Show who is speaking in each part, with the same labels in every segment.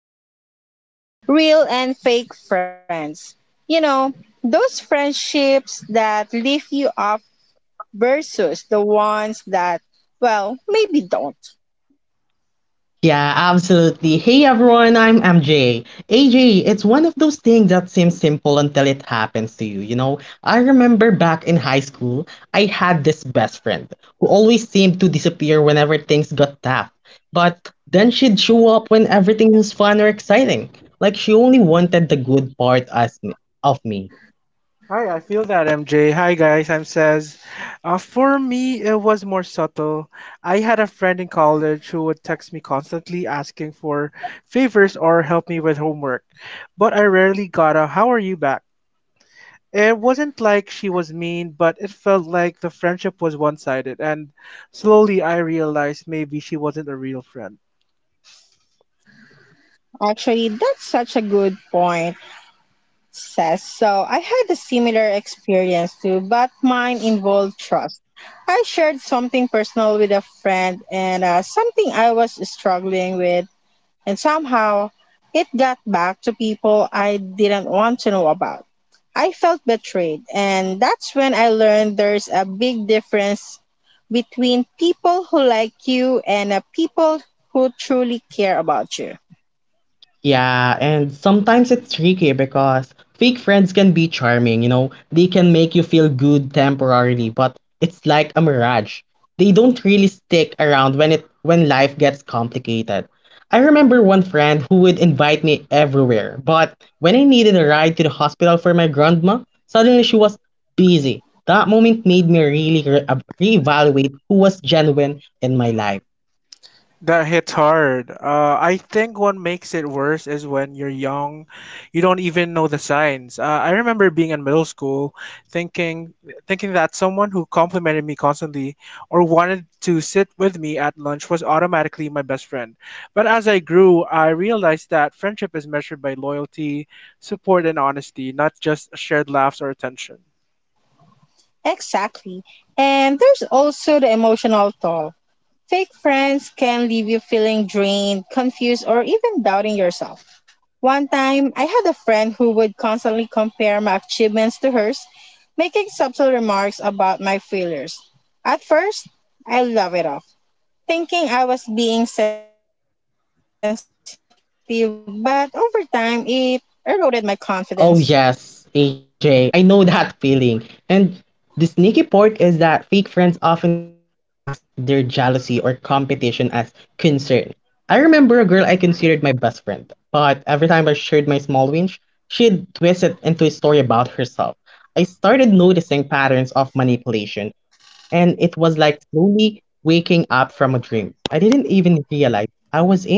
Speaker 1: at some point. Real and fake friends. You know, those friendships that lift you up versus the ones that, well, maybe don't.
Speaker 2: Yeah, absolutely. Hey everyone, I'm MJ. AJ, it's one of those things that seems simple until it happens to you, you know? I remember back in high school, I had this best friend who always seemed to disappear whenever things got tough. But then she'd show up when everything was fun or exciting. Like she only wanted the good part as me, of me.
Speaker 3: Hi, I feel that MJ. Hi guys, I'm Says. For me, it was more subtle. I had a friend in college who would text me constantly asking for favors or help me with homework, but I rarely got a "How are you back?" It wasn't like she was mean, but it felt like the friendship was one-sided, and slowly I realized maybe she wasn't a real friend.
Speaker 1: Actually, that's such a good point, says. So I had a similar experience too, but mine involved trust. I shared something personal with a friend and something I was struggling with, and somehow it got back to people I didn't want to know about. I felt betrayed, and that's when I learned there's a big difference between people who like you and people who truly care about you.
Speaker 2: Yeah, and sometimes it's tricky because fake friends can be charming, you know, they can make you feel good temporarily, but it's like a mirage. They don't really stick around when life gets complicated. I remember one friend who would invite me everywhere, but when I needed a ride to the hospital for my grandma, suddenly she was busy. That moment made me really reevaluate who was genuine in my life.
Speaker 3: That hits hard. I think what makes it worse is when you're young, you don't even know the signs. I remember being in middle school, thinking thinking that someone who complimented me constantly or wanted to sit with me at lunch was automatically my best friend. But as I grew, I realized that friendship is measured by loyalty, support, and honesty, not just shared laughs or attention.
Speaker 1: Exactly. And there's also the emotional toll. Fake friends can leave you feeling drained, confused, or even doubting yourself. One time, I had a friend who would constantly compare my achievements to hers, making subtle remarks about my failures. At first, I laughed it off, thinking I was being sensitive, but over time, it eroded my confidence.
Speaker 2: Oh yes, AJ, I know that feeling. And the sneaky part is that fake friends often mask their jealousy or competition as concern. I remember a girl I considered my best friend, but every time I shared my small wins, she'd twist it into a story about herself. I started noticing patterns of manipulation, and it was like slowly waking up from a dream. I didn't even realize I was in.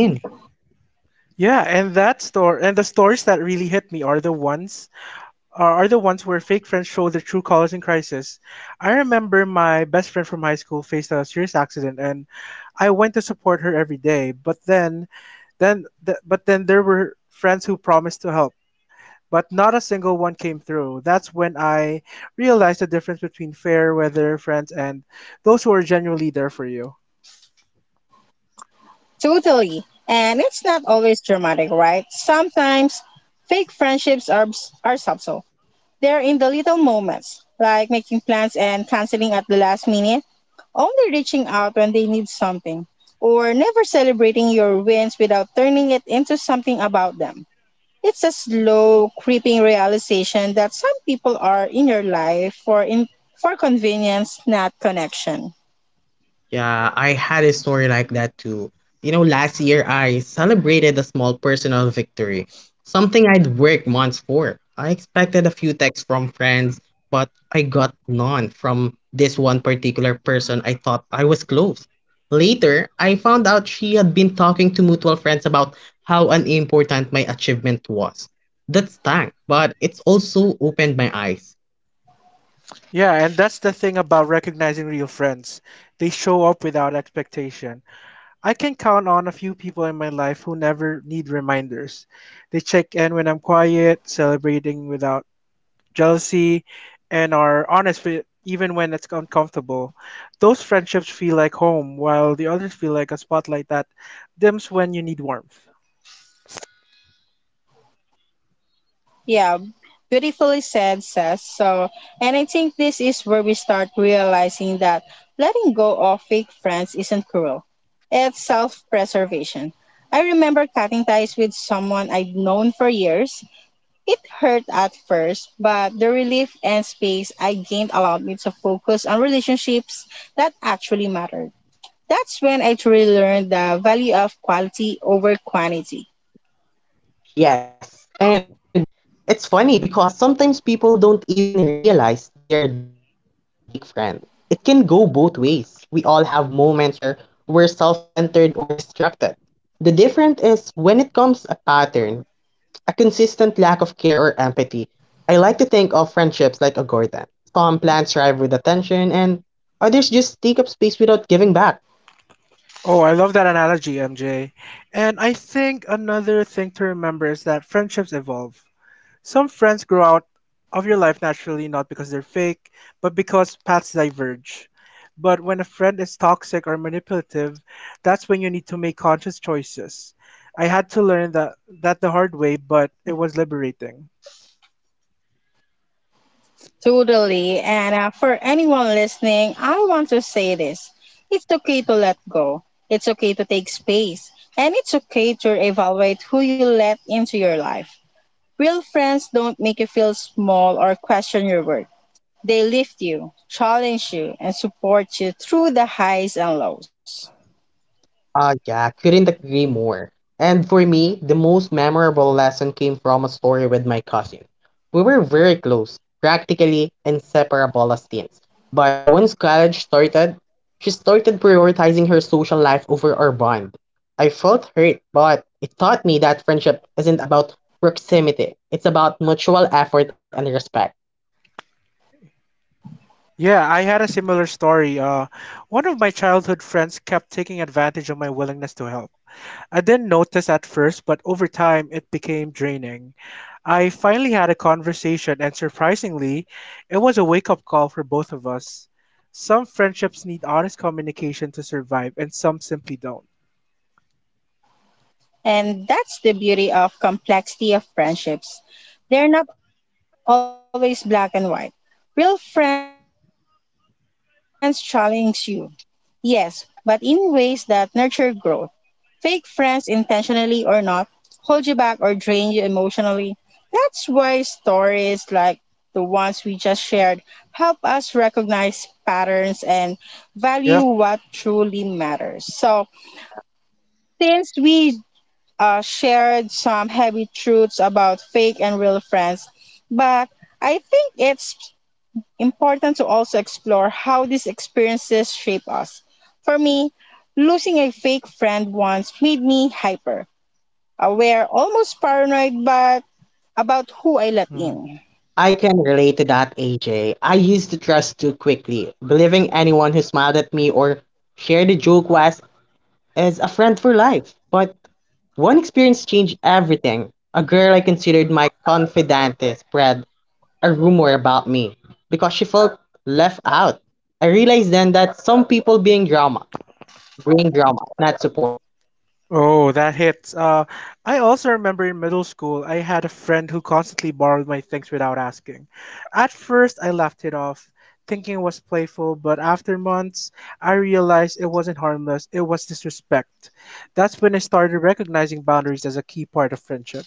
Speaker 3: Yeah, and that store and the stories that really hit me are the ones where fake friends show their true colors in crisis. I remember my best friend from high school faced a serious accident, and I went to support her every day. But then there were friends who promised to help, but not a single one came through. That's when I realized the difference between fair weather friends and those who are genuinely there for you.
Speaker 1: Totally. And it's not always dramatic, right? Sometimes fake friendships are subtle. They're in the little moments, like making plans and canceling at the last minute, only reaching out when they need something, or never celebrating your wins without turning it into something about them. It's a slow, creeping realization that some people are in your life for convenience, not connection.
Speaker 2: Yeah, I had a story like that too. You know, last year I celebrated a small personal victory, something I'd worked months for. I expected a few texts from friends, but I got none from this one particular person I thought I was close. Later, I found out she had been talking to mutual friends about how unimportant my achievement was. That stunk, but it's also opened my eyes.
Speaker 3: Yeah, and that's the thing about recognizing real friends. They show up without expectation. I can count on a few people in my life who never need reminders. They check in when I'm quiet, celebrating without jealousy, and are honest with, even when it's uncomfortable. Those friendships feel like home, while the others feel like a spotlight that dims when you need warmth.
Speaker 1: Yeah, beautifully said, Seth. So, and I think this is where we start realizing that letting go of fake friends isn't cruel, it's self preservation. I remember cutting ties with someone I'd known for years. It hurt at first, but the relief and space I gained allowed me to focus on relationships that actually mattered. That's when I truly learned the value of quality over quantity.
Speaker 2: Yes. And it's funny because sometimes people don't even realize they're the fake friend. It can go both ways. We all have moments where we're self centered or distracted. The difference is when it comes a pattern, a consistent lack of care or empathy. I like to think of friendships like a garden. Some plants thrive with attention, and others just take up space without giving back.
Speaker 3: Oh, I love that analogy, MJ. And I think another thing to remember is that friendships evolve. Some friends grow out of your life naturally, not because they're fake, but because paths diverge. But when a friend is toxic or manipulative, that's when you need to make conscious choices. I had to learn that the hard way, but it was liberating.
Speaker 1: Totally. And for anyone listening, I want to say this. It's okay to let go. It's okay to take space. And it's okay to evaluate who you let into your life. Real friends don't make you feel small or question your worth. They lift you, challenge you, and support you through the highs and lows.
Speaker 2: Ah, yeah, couldn't agree more. And for me, the most memorable lesson came from a story with my cousin. We were very close, practically inseparable as teens. But once college started, she started prioritizing her social life over our bond. I felt hurt, but it taught me that friendship isn't about proximity, it's about mutual effort and respect.
Speaker 3: Yeah, I had a similar story. One of my childhood friends kept taking advantage of my willingness to help. I didn't notice at first, but over time it became draining. I finally had a conversation, and surprisingly, it was a wake up call for both of us. Some friendships need honest communication to survive, and some simply don't.
Speaker 1: And that's the beauty of complexity of friendships. They're not always black and white. Real friends challenge you, yes, but in ways that nurture growth. Fake friends, intentionally or not, hold you back or drain you emotionally. That's why stories like the ones we just shared help us recognize patterns and value what truly
Speaker 3: Yep.
Speaker 1: matters. So, since we shared some heavy truths about fake and real friends, but I think it's important to also explore how these experiences shape us. For me, losing a fake friend once made me hyper, aware, almost paranoid, but about who I let in.
Speaker 2: I can relate to that, AJ. I used to trust too quickly, believing anyone who smiled at me or shared a joke was as a friend for life. But one experience changed everything. A girl I considered my confidante spread a rumor about me because she felt left out. I realized then that some people being drama, bring drama, not support.
Speaker 3: Oh, that hits. I also remember in middle school, I had a friend who constantly borrowed my things without asking. At first, I laughed it off, thinking it was playful, but after months, I realized it wasn't harmless, it was disrespect. That's when I started recognizing boundaries as a key part of friendship.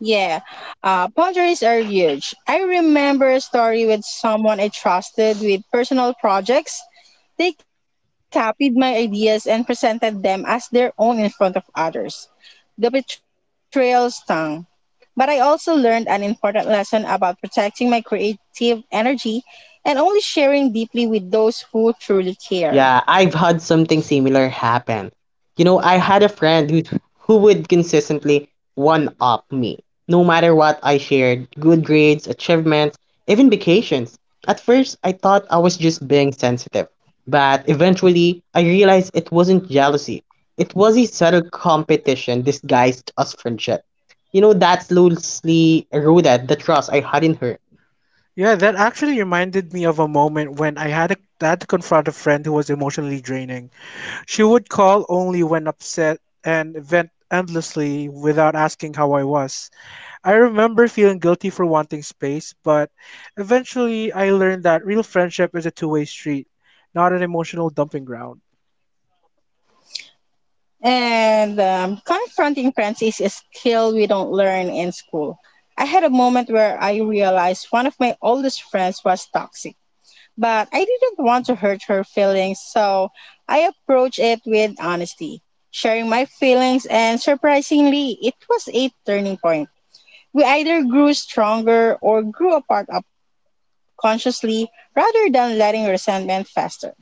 Speaker 1: Yeah, boundaries are huge. I remember a story with someone I trusted with personal projects. They copied my ideas and presented them as their own in front of others. The betrayal stung. But I also learned an important lesson about protecting my creative energy and only sharing deeply with those who truly care.
Speaker 2: Yeah, I've had something similar happen. You know, I had a friend who would consistently one up me, no matter what I shared, good grades, achievements, even vacations. At first, I thought I was just being sensitive, but eventually, I realized it wasn't jealousy. It was a subtle competition disguised as friendship. You know, that slowly eroded the trust I had in her.
Speaker 3: Yeah, that actually reminded me of a moment when I had to confront a friend who was emotionally draining. She would call only when upset and vent endlessly without asking how I was. I remember feeling guilty for wanting space, but eventually I learned that real friendship is a two-way street, not an emotional dumping ground.
Speaker 1: And confronting friends is a skill we don't learn in school. I had a moment where I realized one of my oldest friends was toxic, but I didn't want to hurt her feelings, so I approached it with honesty, sharing my feelings, and surprisingly, it was a turning point. We either grew stronger or grew apart up consciously rather than letting resentment fester.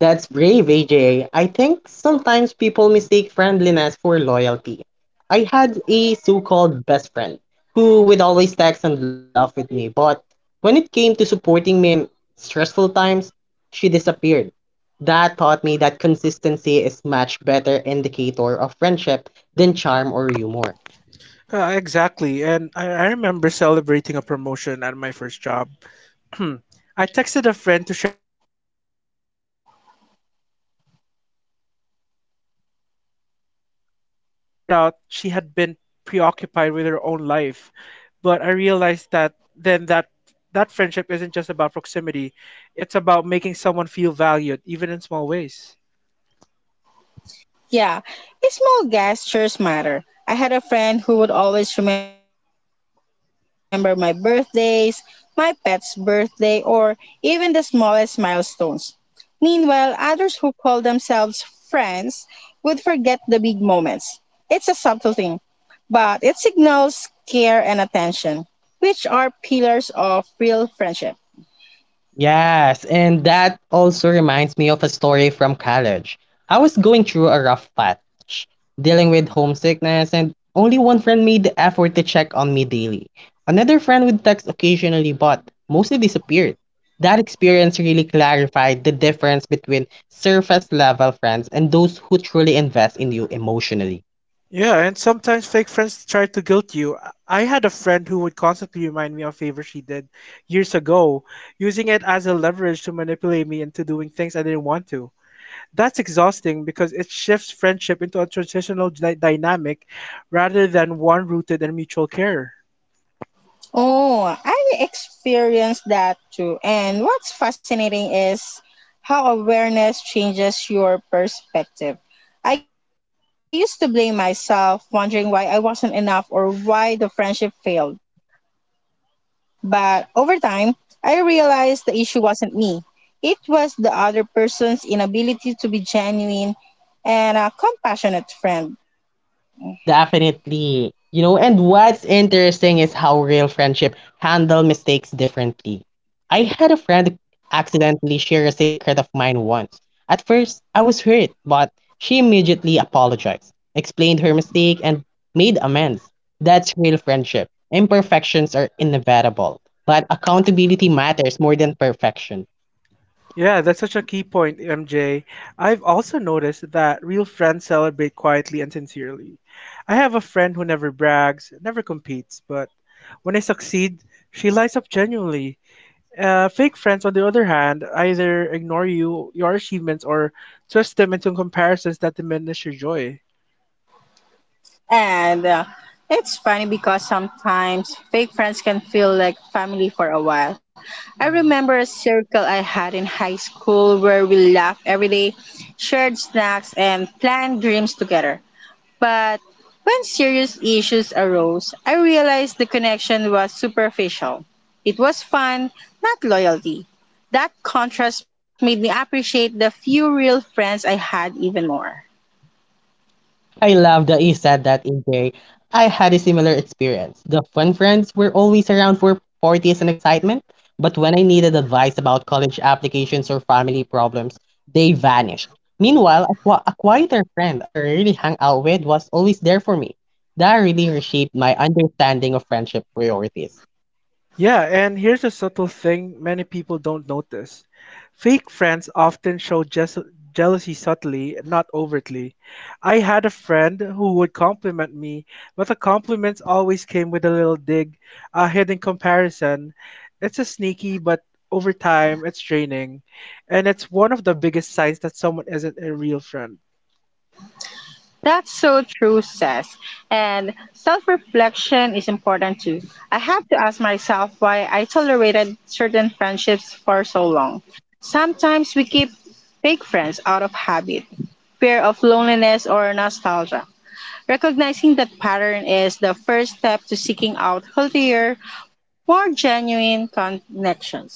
Speaker 2: That's brave, AJ. I think sometimes people mistake friendliness for loyalty. I had a so called best friend who would always text and laugh with me, but when it came to supporting me in stressful times, she disappeared. That taught me that consistency is much better indicator of friendship than charm or humor.
Speaker 3: Exactly, and I remember celebrating a promotion at my first job. I texted a friend to share this excitement, expecting at least a congratulations, but I got nothing. Later, I found out she had been preoccupied with her own life, but I realized that then that that friendship isn't just about proximity, it's about making someone feel valued, even in small ways.
Speaker 1: Yeah, small gestures matter. I had a friend who would always remember my birthdays, my pet's birthday, or even the smallest milestones. Meanwhile, others who call themselves friends would forget the big moments. It's a subtle thing, but it signals care and attention, which are pillars of real friendship.
Speaker 2: Yes, and that also reminds me of a story from college. I was going through a rough patch, dealing with homesickness, and only one friend made the effort to check on me daily. Another friend would text occasionally, but mostly disappeared. That experience really clarified the difference between surface level friends and those who truly invest in you emotionally.
Speaker 3: Yeah, and sometimes fake friends try to guilt you. I had a friend who would constantly remind me of favors she did years ago, using it as a leverage to manipulate me into doing things I didn't want to. That's exhausting because it shifts friendship into a dynamic rather than one rooted in mutual care.
Speaker 1: Oh, I experienced that too. And what's fascinating is how awareness changes your perspective. I used to blame myself, wondering why I wasn't enough or why the friendship failed. But over time, I realized the issue wasn't me. It was the other person's inability to be genuine and a compassionate friend.
Speaker 2: Definitely. You know, and what's interesting is how real friendship handle mistakes differently. I had a friend accidentally share a secret of mine once. At first, I was hurt, but she immediately apologized, explained her mistake, and made amends. That's real friendship. Imperfections are inevitable, but accountability matters more than perfection.
Speaker 3: Yeah, that's such a key point, MJ. I've also noticed that real friends celebrate quietly and sincerely. I have a friend who never brags, never competes, but when I succeed, she lights up genuinely. Fake friends, on the other hand, either ignore you, your achievements, or twist them into comparisons that diminish your joy.
Speaker 1: And it's funny because sometimes fake friends can feel like family for a while. I remember a circle I had in high school where we laughed every day, shared snacks, and planned dreams together. But when serious issues arose, I realized the connection was superficial. It was fun, not loyalty. That contrast made me appreciate the few real friends I had even more.
Speaker 2: I love that you said that, AJ. I had a similar experience. The fun friends were always around for parties and excitement, but when I needed advice about college applications or family problems, they vanished. Meanwhile, a quieter friend I rarely hung out with was always there for me. That really reshaped my understanding of friendship priorities.
Speaker 3: Yeah, and here's a subtle thing many people don't notice. Fake friends often show jealousy subtly, not overtly. I had a friend who would compliment me, but the compliments always came with a little dig, a hidden comparison. It's a sneaky, but over time, it's draining. And it's one of the biggest signs that someone isn't a real friend.
Speaker 1: That's so true, says. And self reflection is important too. I have to ask myself why I tolerated certain friendships for so long. Sometimes we keep fake friends out of habit, fear of loneliness, or nostalgia. Recognizing that pattern is the first step to seeking out healthier, more genuine connections.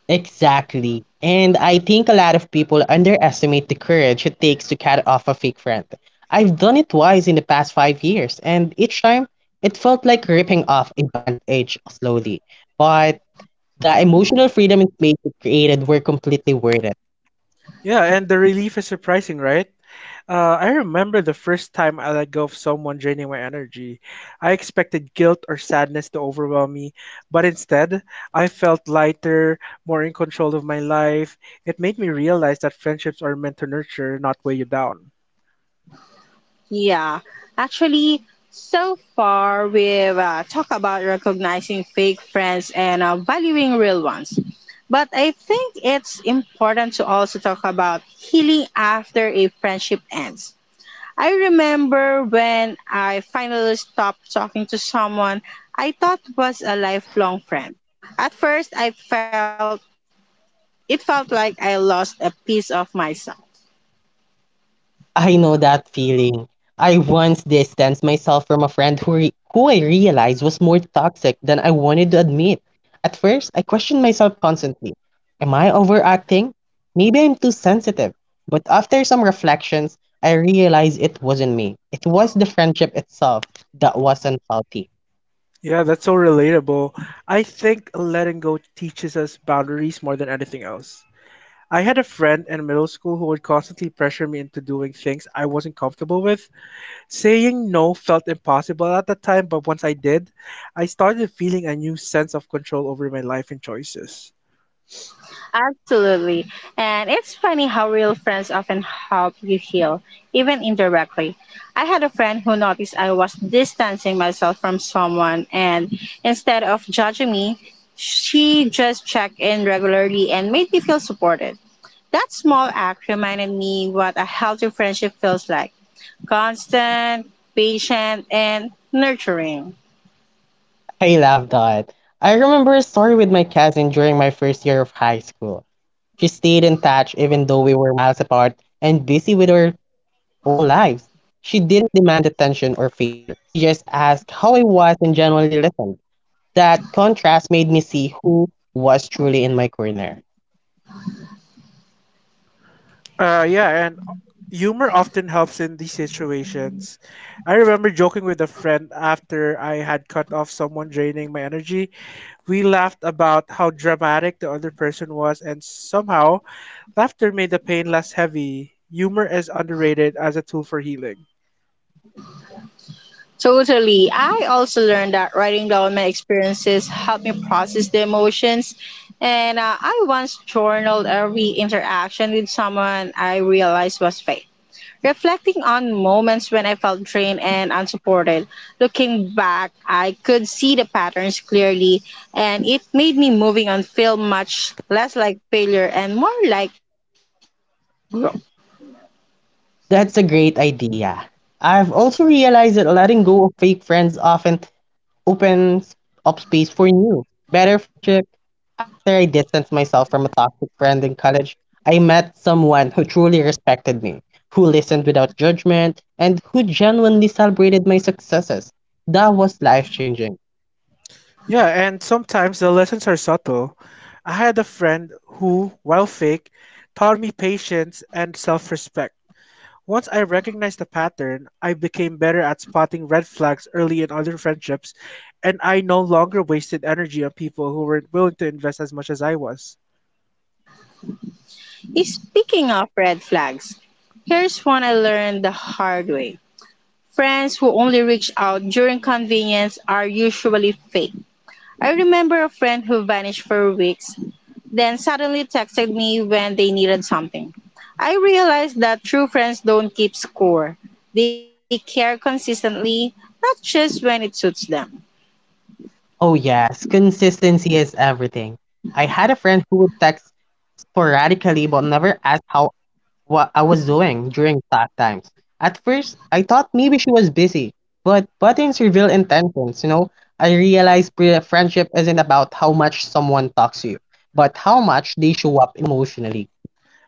Speaker 2: Exactly. And I think a lot of people underestimate the courage it takes to cut off a fake friend. I've done it twice in the past 5 years, and each time it felt like ripping off a bandage slowly. But the emotional freedom it created were completely worth it.
Speaker 3: Yeah, and the relief is surprising, right? I remember the first time I let go of someone draining my energy. I expected guilt or sadness to overwhelm me, but instead, I felt lighter, more in control of my life. It made me realize that friendships are meant to nurture, not weigh you down.
Speaker 1: Yeah, actually, so far we've talked about recognizing fake friends and valuing real ones. But I think it's important to also talk about healing after a friendship ends. I remember when I finally stopped talking to someone I thought was a lifelong friend. At first, I felt it felt like I lost a piece of myself.
Speaker 2: I know that feeling. I once distanced myself from a friend who I realized was more toxic than I wanted to admit. At first, I questioned myself constantly. Am I overacting? Maybe I'm too sensitive. But after some reflections, I realized it wasn't me. It was the friendship itself that wasn't faulty.
Speaker 3: Yeah, that's so relatable. I think letting go teaches us boundaries more than anything else. I had a friend in middle school who would constantly pressure me into doing things I wasn't comfortable with. Saying no felt impossible at the time, but once I did, I started feeling a new sense of control over my life and choices.
Speaker 1: Absolutely. And it's funny how real friends often help you heal, even indirectly. I had a friend who noticed I was distancing myself from someone, and instead of judging me, she just checked in regularly and made me feel supported. That small act reminded me what a healthy friendship feels like, constant, patient, and nurturing.
Speaker 2: I love that. I remember a story with my cousin during my first year of high school. She stayed in touch even though we were miles apart and busy with our own lives. She didn't demand attention or favor. She just asked how I was and genuinely listened. That contrast made me see who was truly in my corner.
Speaker 3: Yeah, and humor often helps in these situations. I remember joking with a friend after I had cut off someone draining my energy. We laughed about how dramatic the other person was, and somehow, laughter made the pain less heavy. Humor is underrated as a tool for healing.
Speaker 1: Totally. I also learned that writing down my experiences helped me process the emotions. And I once journaled every interaction with someone I realized was fake, reflecting on moments when I felt drained and unsupported. Looking back, I could see the patterns clearly, and it made me moving on feel much less like failure and more like growth.
Speaker 2: That's a great idea. I've also realized that letting go of fake friends often opens up space for new, better friendship. After I distanced myself from a toxic friend in college, I met someone who truly respected me, who listened without judgment, and who genuinely celebrated my successes. That was life changing.
Speaker 3: Yeah, and sometimes the lessons are subtle. I had a friend who, while fake, taught me patience and self respect. Once I recognized the pattern, I became better at spotting red flags early in other friendships, and I no longer wasted energy on people who weren't willing to invest as much as I was.
Speaker 1: Speaking of red flags, here's one I learned the hard way. Friends who only reach out during convenience are usually fake. I remember a friend who vanished for weeks, then suddenly texted me when they needed something. I realized that true friends don't keep score. They care consistently, not just when it suits them.
Speaker 2: Oh, yes, consistency is everything. I had a friend who would text sporadically but never ask how what I was doing during that times. At first, I thought maybe she was busy, but buttons reveal intentions, you know? I realized friendship isn't about how much someone talks to you, but how much they show up emotionally.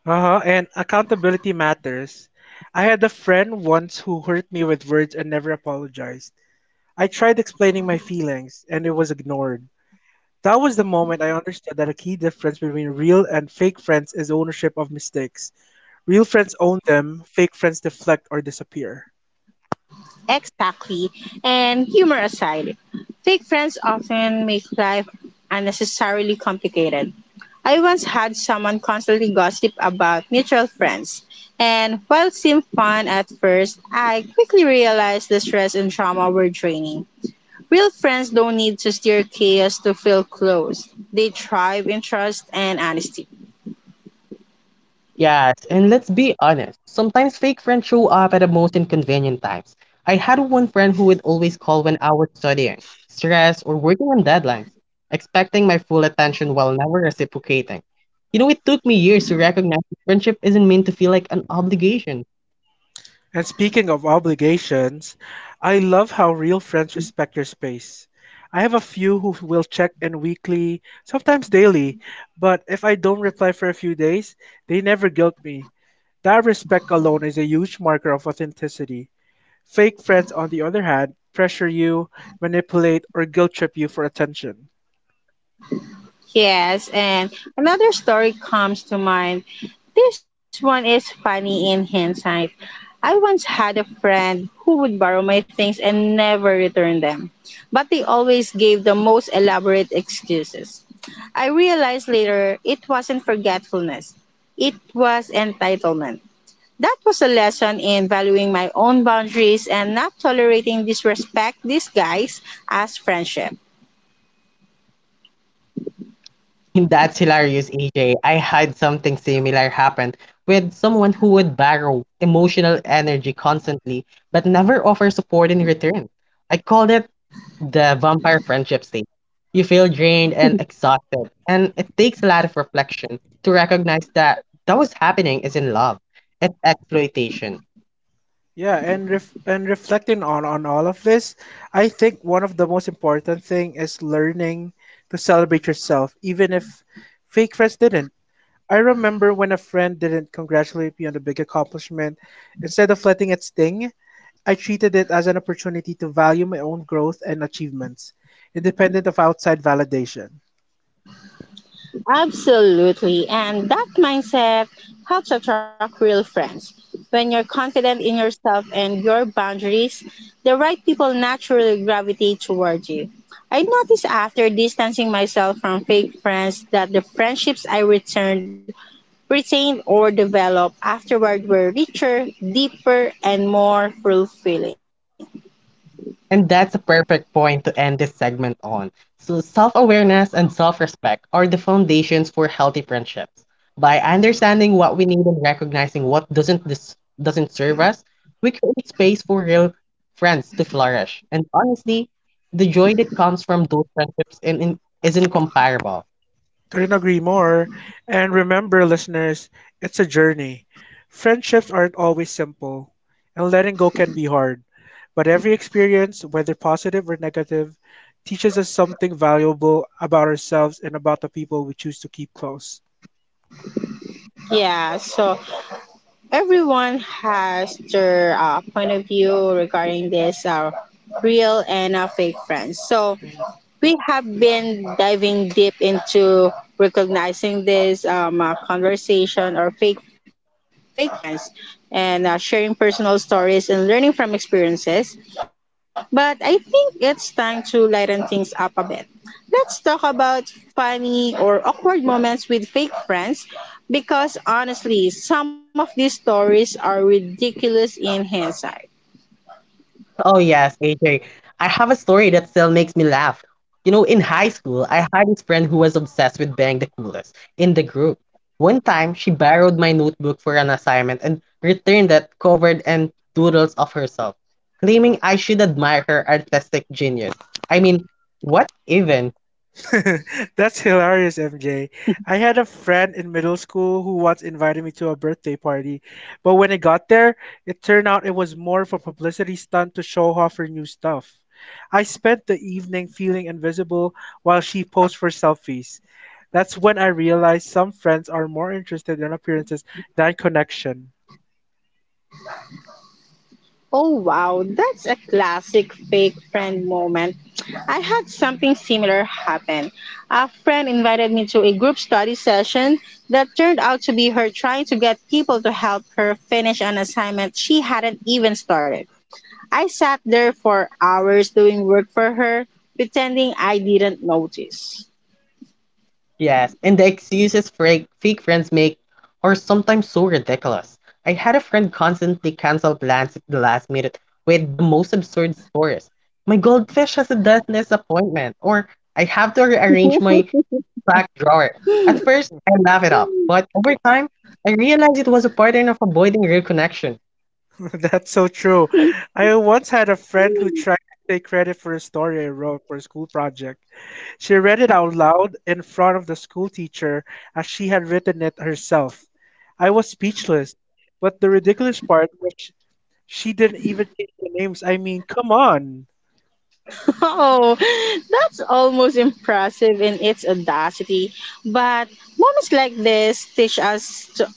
Speaker 3: Uh-huh, and accountability matters. I had a friend once who hurt me with words and never apologized. I tried explaining my feelings, and it was ignored. That was the moment I understood that a key difference between real and fake friends is ownership of mistakes. Real friends own them, fake friends deflect or disappear.
Speaker 1: Exactly. And humor aside, fake friends often make life unnecessarily complicated. I once had someone constantly gossip about mutual friends, and while it seemed fun at first, I quickly realized the stress and trauma were draining. Real friends don't need to stir chaos to feel close. They thrive in trust and honesty.
Speaker 2: Yes, and let's be honest, sometimes fake friends show up at the most inconvenient times. I had one friend who would always call when I was studying, stressed, or working on deadlines, expecting my full attention while never reciprocating. You know, it took me years to recognize that friendship isn't meant to feel like an obligation.
Speaker 3: And speaking of obligations, I love how real friends respect your space. I have a few who will check in weekly, sometimes daily, but if I don't reply for a few days, they never guilt me. That respect alone is a huge marker of authenticity. Fake friends, on the other hand, pressure you, manipulate, or guilt trip you for attention.
Speaker 1: Yes, and another story comes to mind. This one is funny in hindsight. I once had a friend who would borrow my things and never return them, but they always gave the most elaborate excuses. I realized later it wasn't forgetfulness, it was entitlement. That was a lesson in valuing my own boundaries and not tolerating disrespect disguised as friendship.
Speaker 2: That's hilarious, AJ. I had something similar happen with someone who would borrow emotional energy constantly but never offer support in return. I called it the vampire friendship state. You feel drained and exhausted, and it takes a lot of reflection to recognize that that was happening is in love. It's exploitation.
Speaker 3: Yeah, and reflecting on all of this, I think one of the most important thing is learning to celebrate yourself, even if fake friends didn't. I remember when a friend didn't congratulate me on a big accomplishment, instead of letting it sting, I treated it as an opportunity to value my own growth and achievements, independent of outside validation.
Speaker 1: Absolutely. And that mindset helps attract real friends. When you're confident in yourself and your boundaries, the right people naturally gravitate toward you. I noticed after distancing myself from fake friends that the friendships I returned, retained, or developed afterward were richer, deeper, and more fulfilling.
Speaker 2: And that's a perfect point to end this segment on. So, self awareness and self respect are the foundations for healthy friendships. By understanding what we need and recognizing what doesn't serve us, we create space for real friends to flourish. And honestly, the joy that comes from those friendships is incomparable.
Speaker 3: Couldn't agree more. And remember, listeners, it's a journey. Friendships aren't always simple, and letting go can be hard. But every experience, whether positive or negative, teaches us something valuable about ourselves and about the people we choose to keep close.
Speaker 1: Yeah, so everyone has their point of view regarding this real and fake friends. So we have been diving deep into recognizing this conversation or fake friends and sharing personal stories and learning from experiences, but I think it's time to lighten things up a bit. Let's talk about funny or awkward moments with fake friends, because honestly, some of these stories are ridiculous in hindsight.
Speaker 2: Oh yes, AJ. I have a story that still makes me laugh. You know, in high school, I had this friend who was obsessed with being the coolest in the group. One time, she borrowed my notebook for an assignment and returned it covered in doodles of herself, claiming I should admire her artistic genius. I mean, what even?
Speaker 3: That's hilarious, MJ. I had a friend in middle school who once invited me to a birthday party, but when I got there, it turned out it was more of a publicity stunt to show off her new stuff. I spent the evening feeling invisible while she posed for selfies. That's when I realized some friends are more interested in appearances than connection.
Speaker 1: Oh wow, that's a classic fake friend moment. I had something similar happen. A friend invited me to a group study session that turned out to be her trying to get people to help her finish an assignment she hadn't even started. I sat there for hours doing work for her, pretending I didn't notice.
Speaker 2: Yes, and the excuses fake friends make are sometimes so ridiculous. I had a friend constantly cancel plans at the last minute with the most absurd stories. My goldfish has a dentist appointment, or I have to rearrange my back drawer. At first, I laugh it off, but over time, I realized it was a pattern of avoiding real connection.
Speaker 3: That's so true. I once had a friend who tried to take credit for a story I wrote for a school project. She read it out loud in front of the school teacher as she had written it herself. I was speechless, but the ridiculous part was she didn't even change the names. I mean, come on.
Speaker 1: Oh, that's almost impressive in its audacity. But moments like this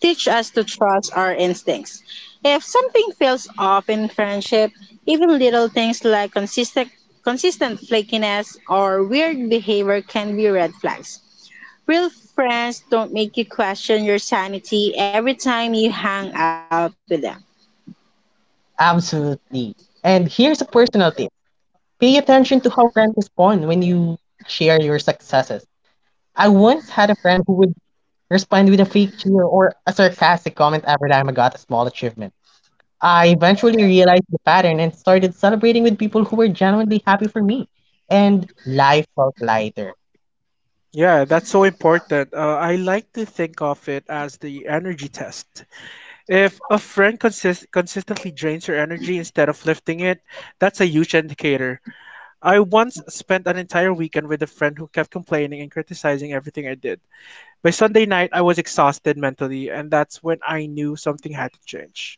Speaker 1: teach us to trust our instincts. If something feels off in friendship, even little things like consistent flakiness or weird behavior can be red flags. Real friends don't make you question your sanity every time you hang out with them.
Speaker 2: Absolutely. And here's a personal tip, pay attention to how friends respond when you share your successes. I once had a friend who would respond with a fake cheer or a sarcastic comment every time I got a small achievement. I eventually realized the pattern and started celebrating with people who were genuinely happy for me, and life felt lighter.
Speaker 3: Yeah, that's so important. I like to think of it as the energy test. If a friend consistently drains your energy instead of lifting it, that's a huge indicator. I once spent an entire weekend with a friend who kept complaining and criticizing everything I did. By Sunday night, I was exhausted mentally, and that's when I knew something had to change.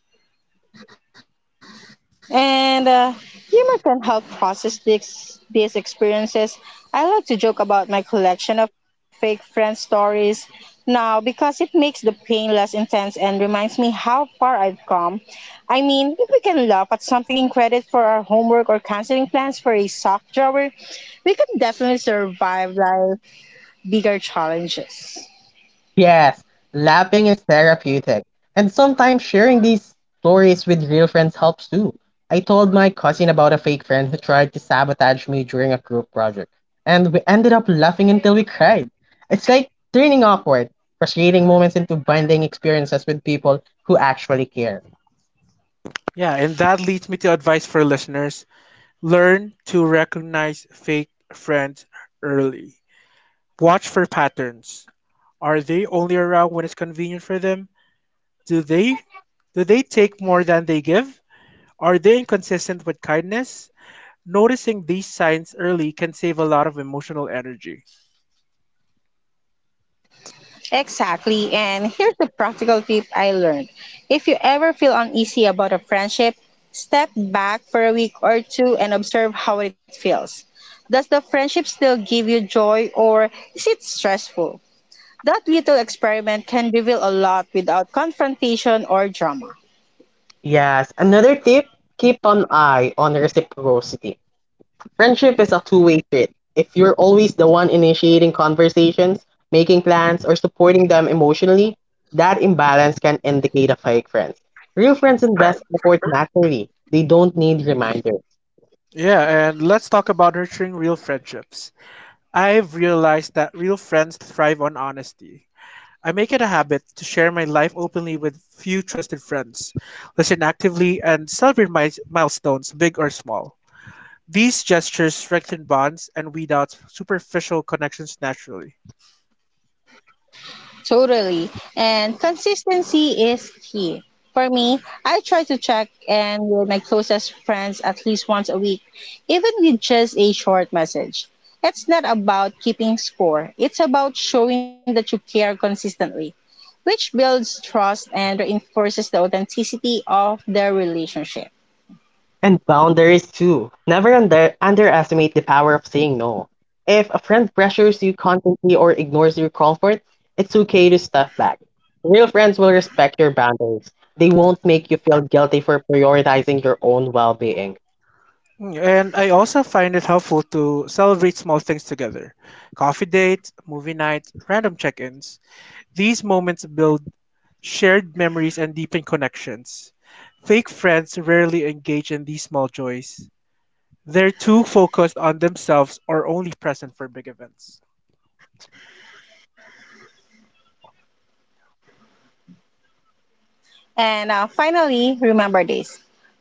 Speaker 1: And humor can help process these experiences. I like to joke about my collection of fake friend stories now because it makes the pain less intense and reminds me how far I've come. I mean, if we can laugh at something taking credit for our homework or canceling plans for a sock drawer, we could definitely survive life bigger challenges.
Speaker 2: Yes, laughing is therapeutic. And sometimes sharing these stories with real friends helps too. I told my cousin about a fake friend who tried to sabotage me during a group project, and we ended up laughing until we cried. It's like turning awkward, frustrating moments into bonding experiences with people who actually care.
Speaker 3: Yeah, and that leads me to advice for listeners: learn to recognize fake friends early. Watch for patterns. Are they only around when it's convenient for them? Do they do they take more than they give? Are they inconsistent with kindness? Noticing these signs early can save a lot of emotional energy.
Speaker 1: Exactly. And here's the practical tip I learned. If you ever feel uneasy about a friendship, step back for a week or two and observe how it feels. Does the friendship still give you joy or is it stressful? That little experiment can reveal a lot without confrontation or drama.
Speaker 2: Yes, another tip, keep an eye on reciprocity. Friendship is a two-way street. If you're always the one initiating conversations, making plans, or supporting them emotionally, that imbalance can indicate a fake friend. Real friends invest effort naturally. They don't need reminders.
Speaker 3: Yeah, and let's talk about nurturing real friendships. I've realized that real friends thrive on honesty. I make it a habit to share my life openly with few trusted friends, listen actively, and celebrate my milestones, big or small. These gestures strengthen bonds and weed out superficial connections naturally.
Speaker 1: Totally. And consistency is key. For me, I try to check in with my closest friends at least once a week, even with just a short message. It's not about keeping score, it's about showing that you care consistently, which builds trust and reinforces the authenticity of the relationship.
Speaker 2: And boundaries too. Never underestimate the power of saying no. If a friend pressures you constantly or ignores your comfort, it's okay to step back. Real friends will respect your boundaries. They won't make you feel guilty for prioritizing your own well-being.
Speaker 3: And I also find it helpful to celebrate small things together: coffee dates, movie nights, random check ins. These moments build shared memories, and deepen connections. Fake friends rarely engage in these small joys. They're too focused on themselves or only present for big events.
Speaker 1: And finally, remember this,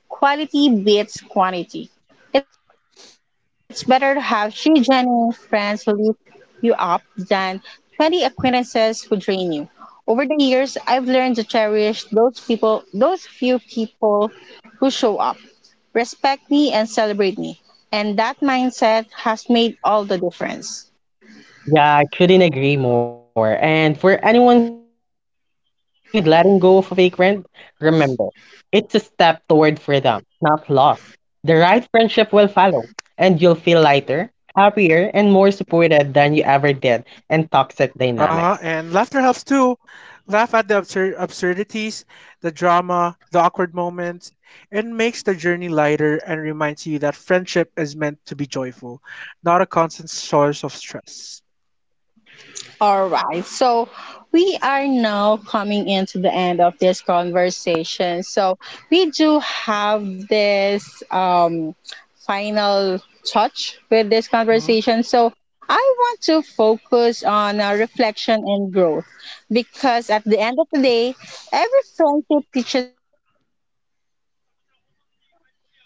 Speaker 1: quality beats quantity. It's better to have three genuine friends who lift you up than 20 acquaintances who drain you. Over the years, I've learned to cherish those people, those few people who show up, respect me, and celebrate me. And that mindset has made all the difference.
Speaker 2: Yeah, I couldn't agree more. And for anyone struggling with letting go of a vagrant, remember, it's a step toward freedom, not loss. The right friendship will follow, and you'll feel lighter, happier, and more supported than you ever did in toxic dynamics.
Speaker 3: Uh huh. And laughter helps too. Laugh at the absurdities, the drama, the awkward moments. It makes the journey lighter and reminds you that friendship is meant to be joyful, not a constant source of stress.
Speaker 1: All right. So we are now coming into the end of this conversation. So we do have this final touch with this
Speaker 3: Mm-hmm.
Speaker 1: conversation. So I want to focus on reflection and growth, because at the end of the day, every friendship teaches us something, even the ones that hurt.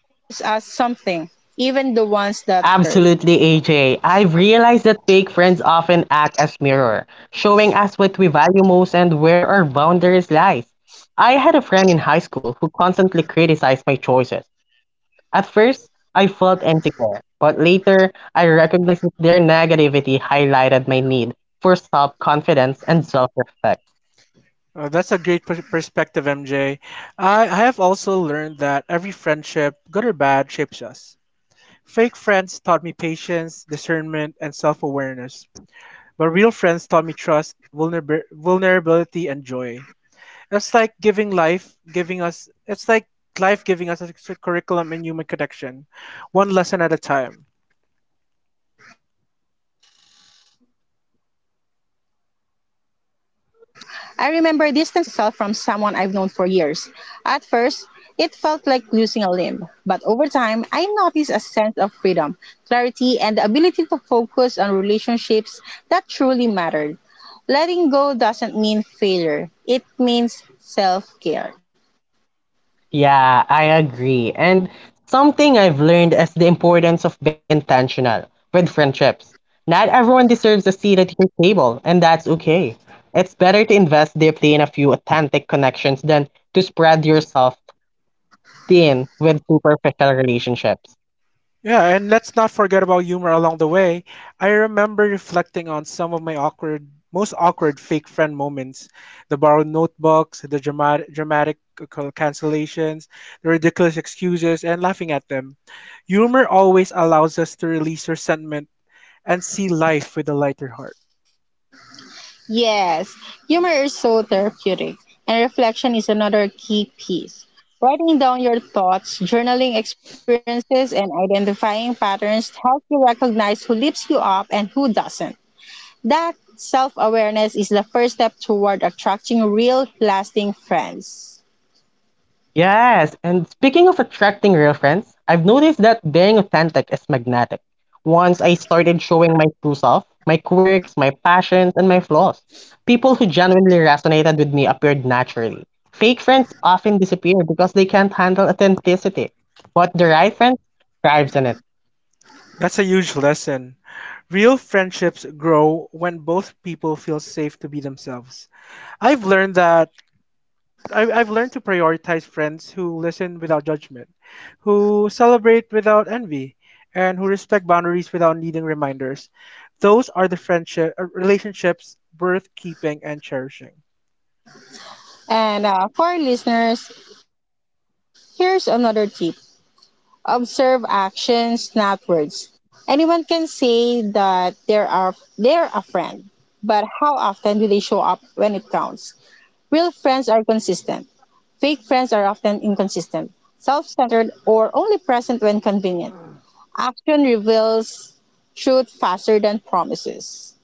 Speaker 2: Absolutely, AJ. I've realized that fake friends often act as mirror, showing us what we value most and where our boundaries lies. I had a friend in high school who constantly criticized my choices. At first, I felt insecure, but later I recognized that their negativity highlighted my need for self-confidence and self-respect.
Speaker 3: That's a great perspective, MJ. I have also learned that every friendship, good or bad, shapes us. Fake friends taught me patience, discernment, and self awareness, but real friends taught me trust, vulnerability, and joy. It's like giving life, giving us, it's like life giving us a curriculum in human connection, one lesson at a time.
Speaker 1: Exactly. And sometimes growth comes from letting go. I remember distancing myself from someone I've known for years. At first, it felt like losing a limb, but over time, I noticed a sense of freedom, clarity, and the ability to focus on relationships that truly mattered. Letting go doesn't mean failure, it means self care.
Speaker 2: Yeah, I agree. And something I've learned is the importance of being intentional with friendships. Not everyone deserves a seat at your table, and that's okay. It's better to invest deeply in a few authentic connections than to spread yourself thin with superficial relationships.
Speaker 3: Yeah, and let's not forget about humor along the way. I remember reflecting on some of my most awkward fake friend moments: the borrowed notebooks, the dramatic cancellations, the ridiculous excuses, and laughing at them. Humor always allows us to release resentment and see life with a lighter heart.
Speaker 1: Yes, humor is so therapeutic, and reflection is another key piece. Writing down your thoughts, journaling experiences, and identifying patterns help you recognize who lifts you up and who doesn't. That self awareness is the first step toward attracting real, lasting friends.
Speaker 2: Yes, and speaking of attracting real friends, I've noticed that being authentic is magnetic. Once I started showing my true self, my quirks, my passions, and my flaws, people who genuinely resonated with me appeared naturally. Fake friends often disappear because they can't handle authenticity, but the right friend thrives in it.
Speaker 3: That's a huge lesson. Real friendships grow when both people feel safe to be themselves. I've learned that I've learned to prioritize friends who listen without judgment, who celebrate without envy, and who respect boundaries without needing reminders. Those are the friendship relationships worth keeping and cherishing.
Speaker 1: And for our listeners, here's another tip. Observe actions, not words. Anyone can say that they're a friend, but how often do they show up when it counts? Real friends are consistent. Fake friends are often inconsistent, self centered, or only present when convenient. Action reveals truth faster than promises.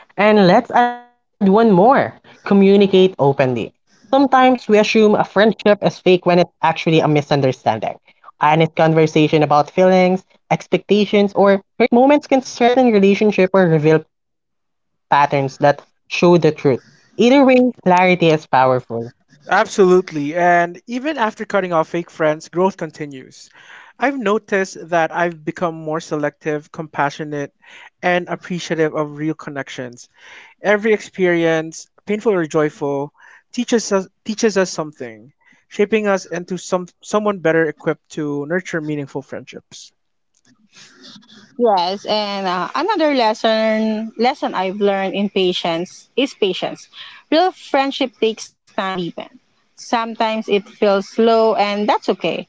Speaker 2: I love that. And let's add one more, communicate openly. Sometimes we assume a friendship is fake when it's actually a misunderstanding. Honest conversation about feelings, expectations, or hurt moments can strengthen relationship or reveal patterns that show the truth. Either way, clarity is powerful.
Speaker 3: Absolutely. And even after cutting off fake friends, growth continues. I've noticed that I've become more selective, compassionate, and appreciative of real connections. Every experience, painful or joyful, teaches us something, shaping us into someone better equipped to nurture meaningful friendships.
Speaker 1: Yes, and another lesson I've learned in patience is patience. Real friendship takes time to deepen. Sometimes it feels slow, and that's okay.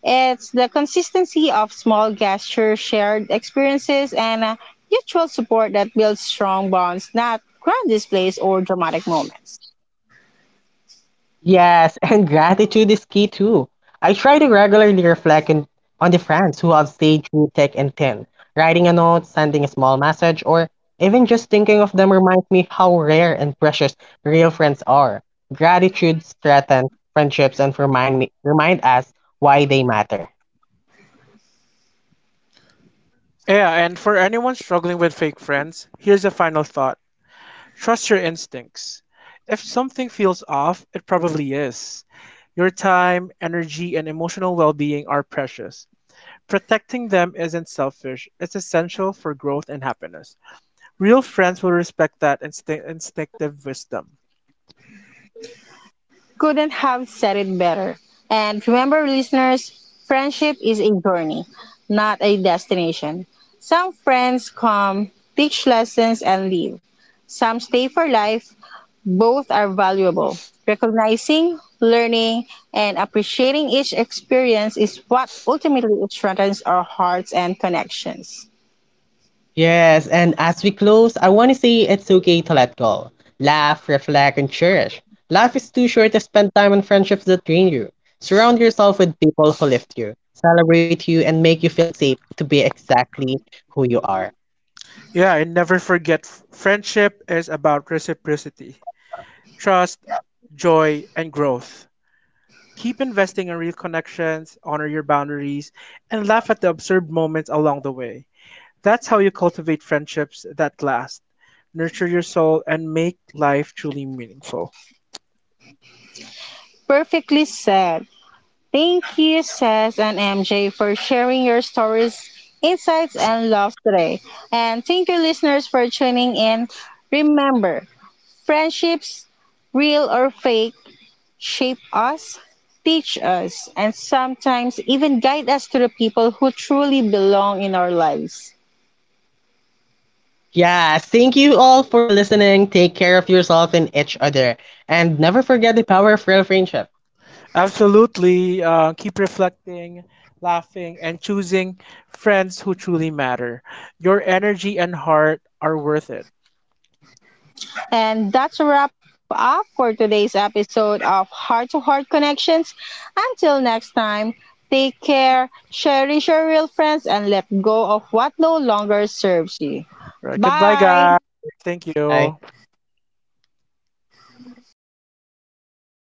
Speaker 1: It's the consistency of small gestures, shared experiences, and mutual support that builds strong bonds, not grand displays or dramatic moments.
Speaker 2: Yes, and gratitude is key too. I try to regularly reflect in, on the friends who have stayed through thick and thin. Writing a note, sending a small message, or even just thinking of them reminds me how rare and precious real friends are. Gratitude strengthens friendships and remind us why they matter.
Speaker 3: Yeah, and for anyone struggling with fake friends, here's a final thought. Trust your instincts. If something feels off, it probably is. Your time, energy, and emotional well-being are precious. Protecting them isn't selfish, it's essential for growth and happiness. Real friends will respect that instinctive wisdom.
Speaker 1: Couldn't have said it better. And remember, listeners, friendship is a journey, not a destination. Some friends come, teach lessons, and leave. Some stay for life. Both are valuable. Recognizing, learning, and appreciating each experience is what ultimately strengthens our hearts and connections.
Speaker 2: Yes, and as we close, I want to say it's okay to let go. Laugh, reflect, and cherish. Life is too short to spend time on friendships that drain you. Surround yourself with people who lift you, celebrate you, and make you feel safe to be exactly who you are.
Speaker 3: Yeah, and never forget friendship is about reciprocity, trust, joy, and growth. Keep investing in real connections, honor your boundaries, and laugh at the absurd moments along the way. That's how you cultivate friendships that last, nurture your soul, and make life truly meaningful.
Speaker 1: Perfectly said. Thank you, Seth and MJ, for sharing your stories, insights, and love today. And thank you, listeners, for tuning in. Remember, friendships, real or fake, shape us, teach us, and sometimes even guide us to the people who truly belong in our lives.
Speaker 2: Yeah, thank you all for listening. Take care of yourself and each other. And never forget the power of real friendship.
Speaker 3: Absolutely. Keep reflecting, laughing, and choosing friends who truly matter. Your energy and heart are worth it.
Speaker 1: And that's a wrap up for today's episode of Heart to Heart Connections. Until next time, take care, cherish your real friends, and let go of what no longer serves you.
Speaker 3: Right. Goodbye,
Speaker 1: Bye!
Speaker 3: guys. Thank
Speaker 2: Bye.
Speaker 3: you.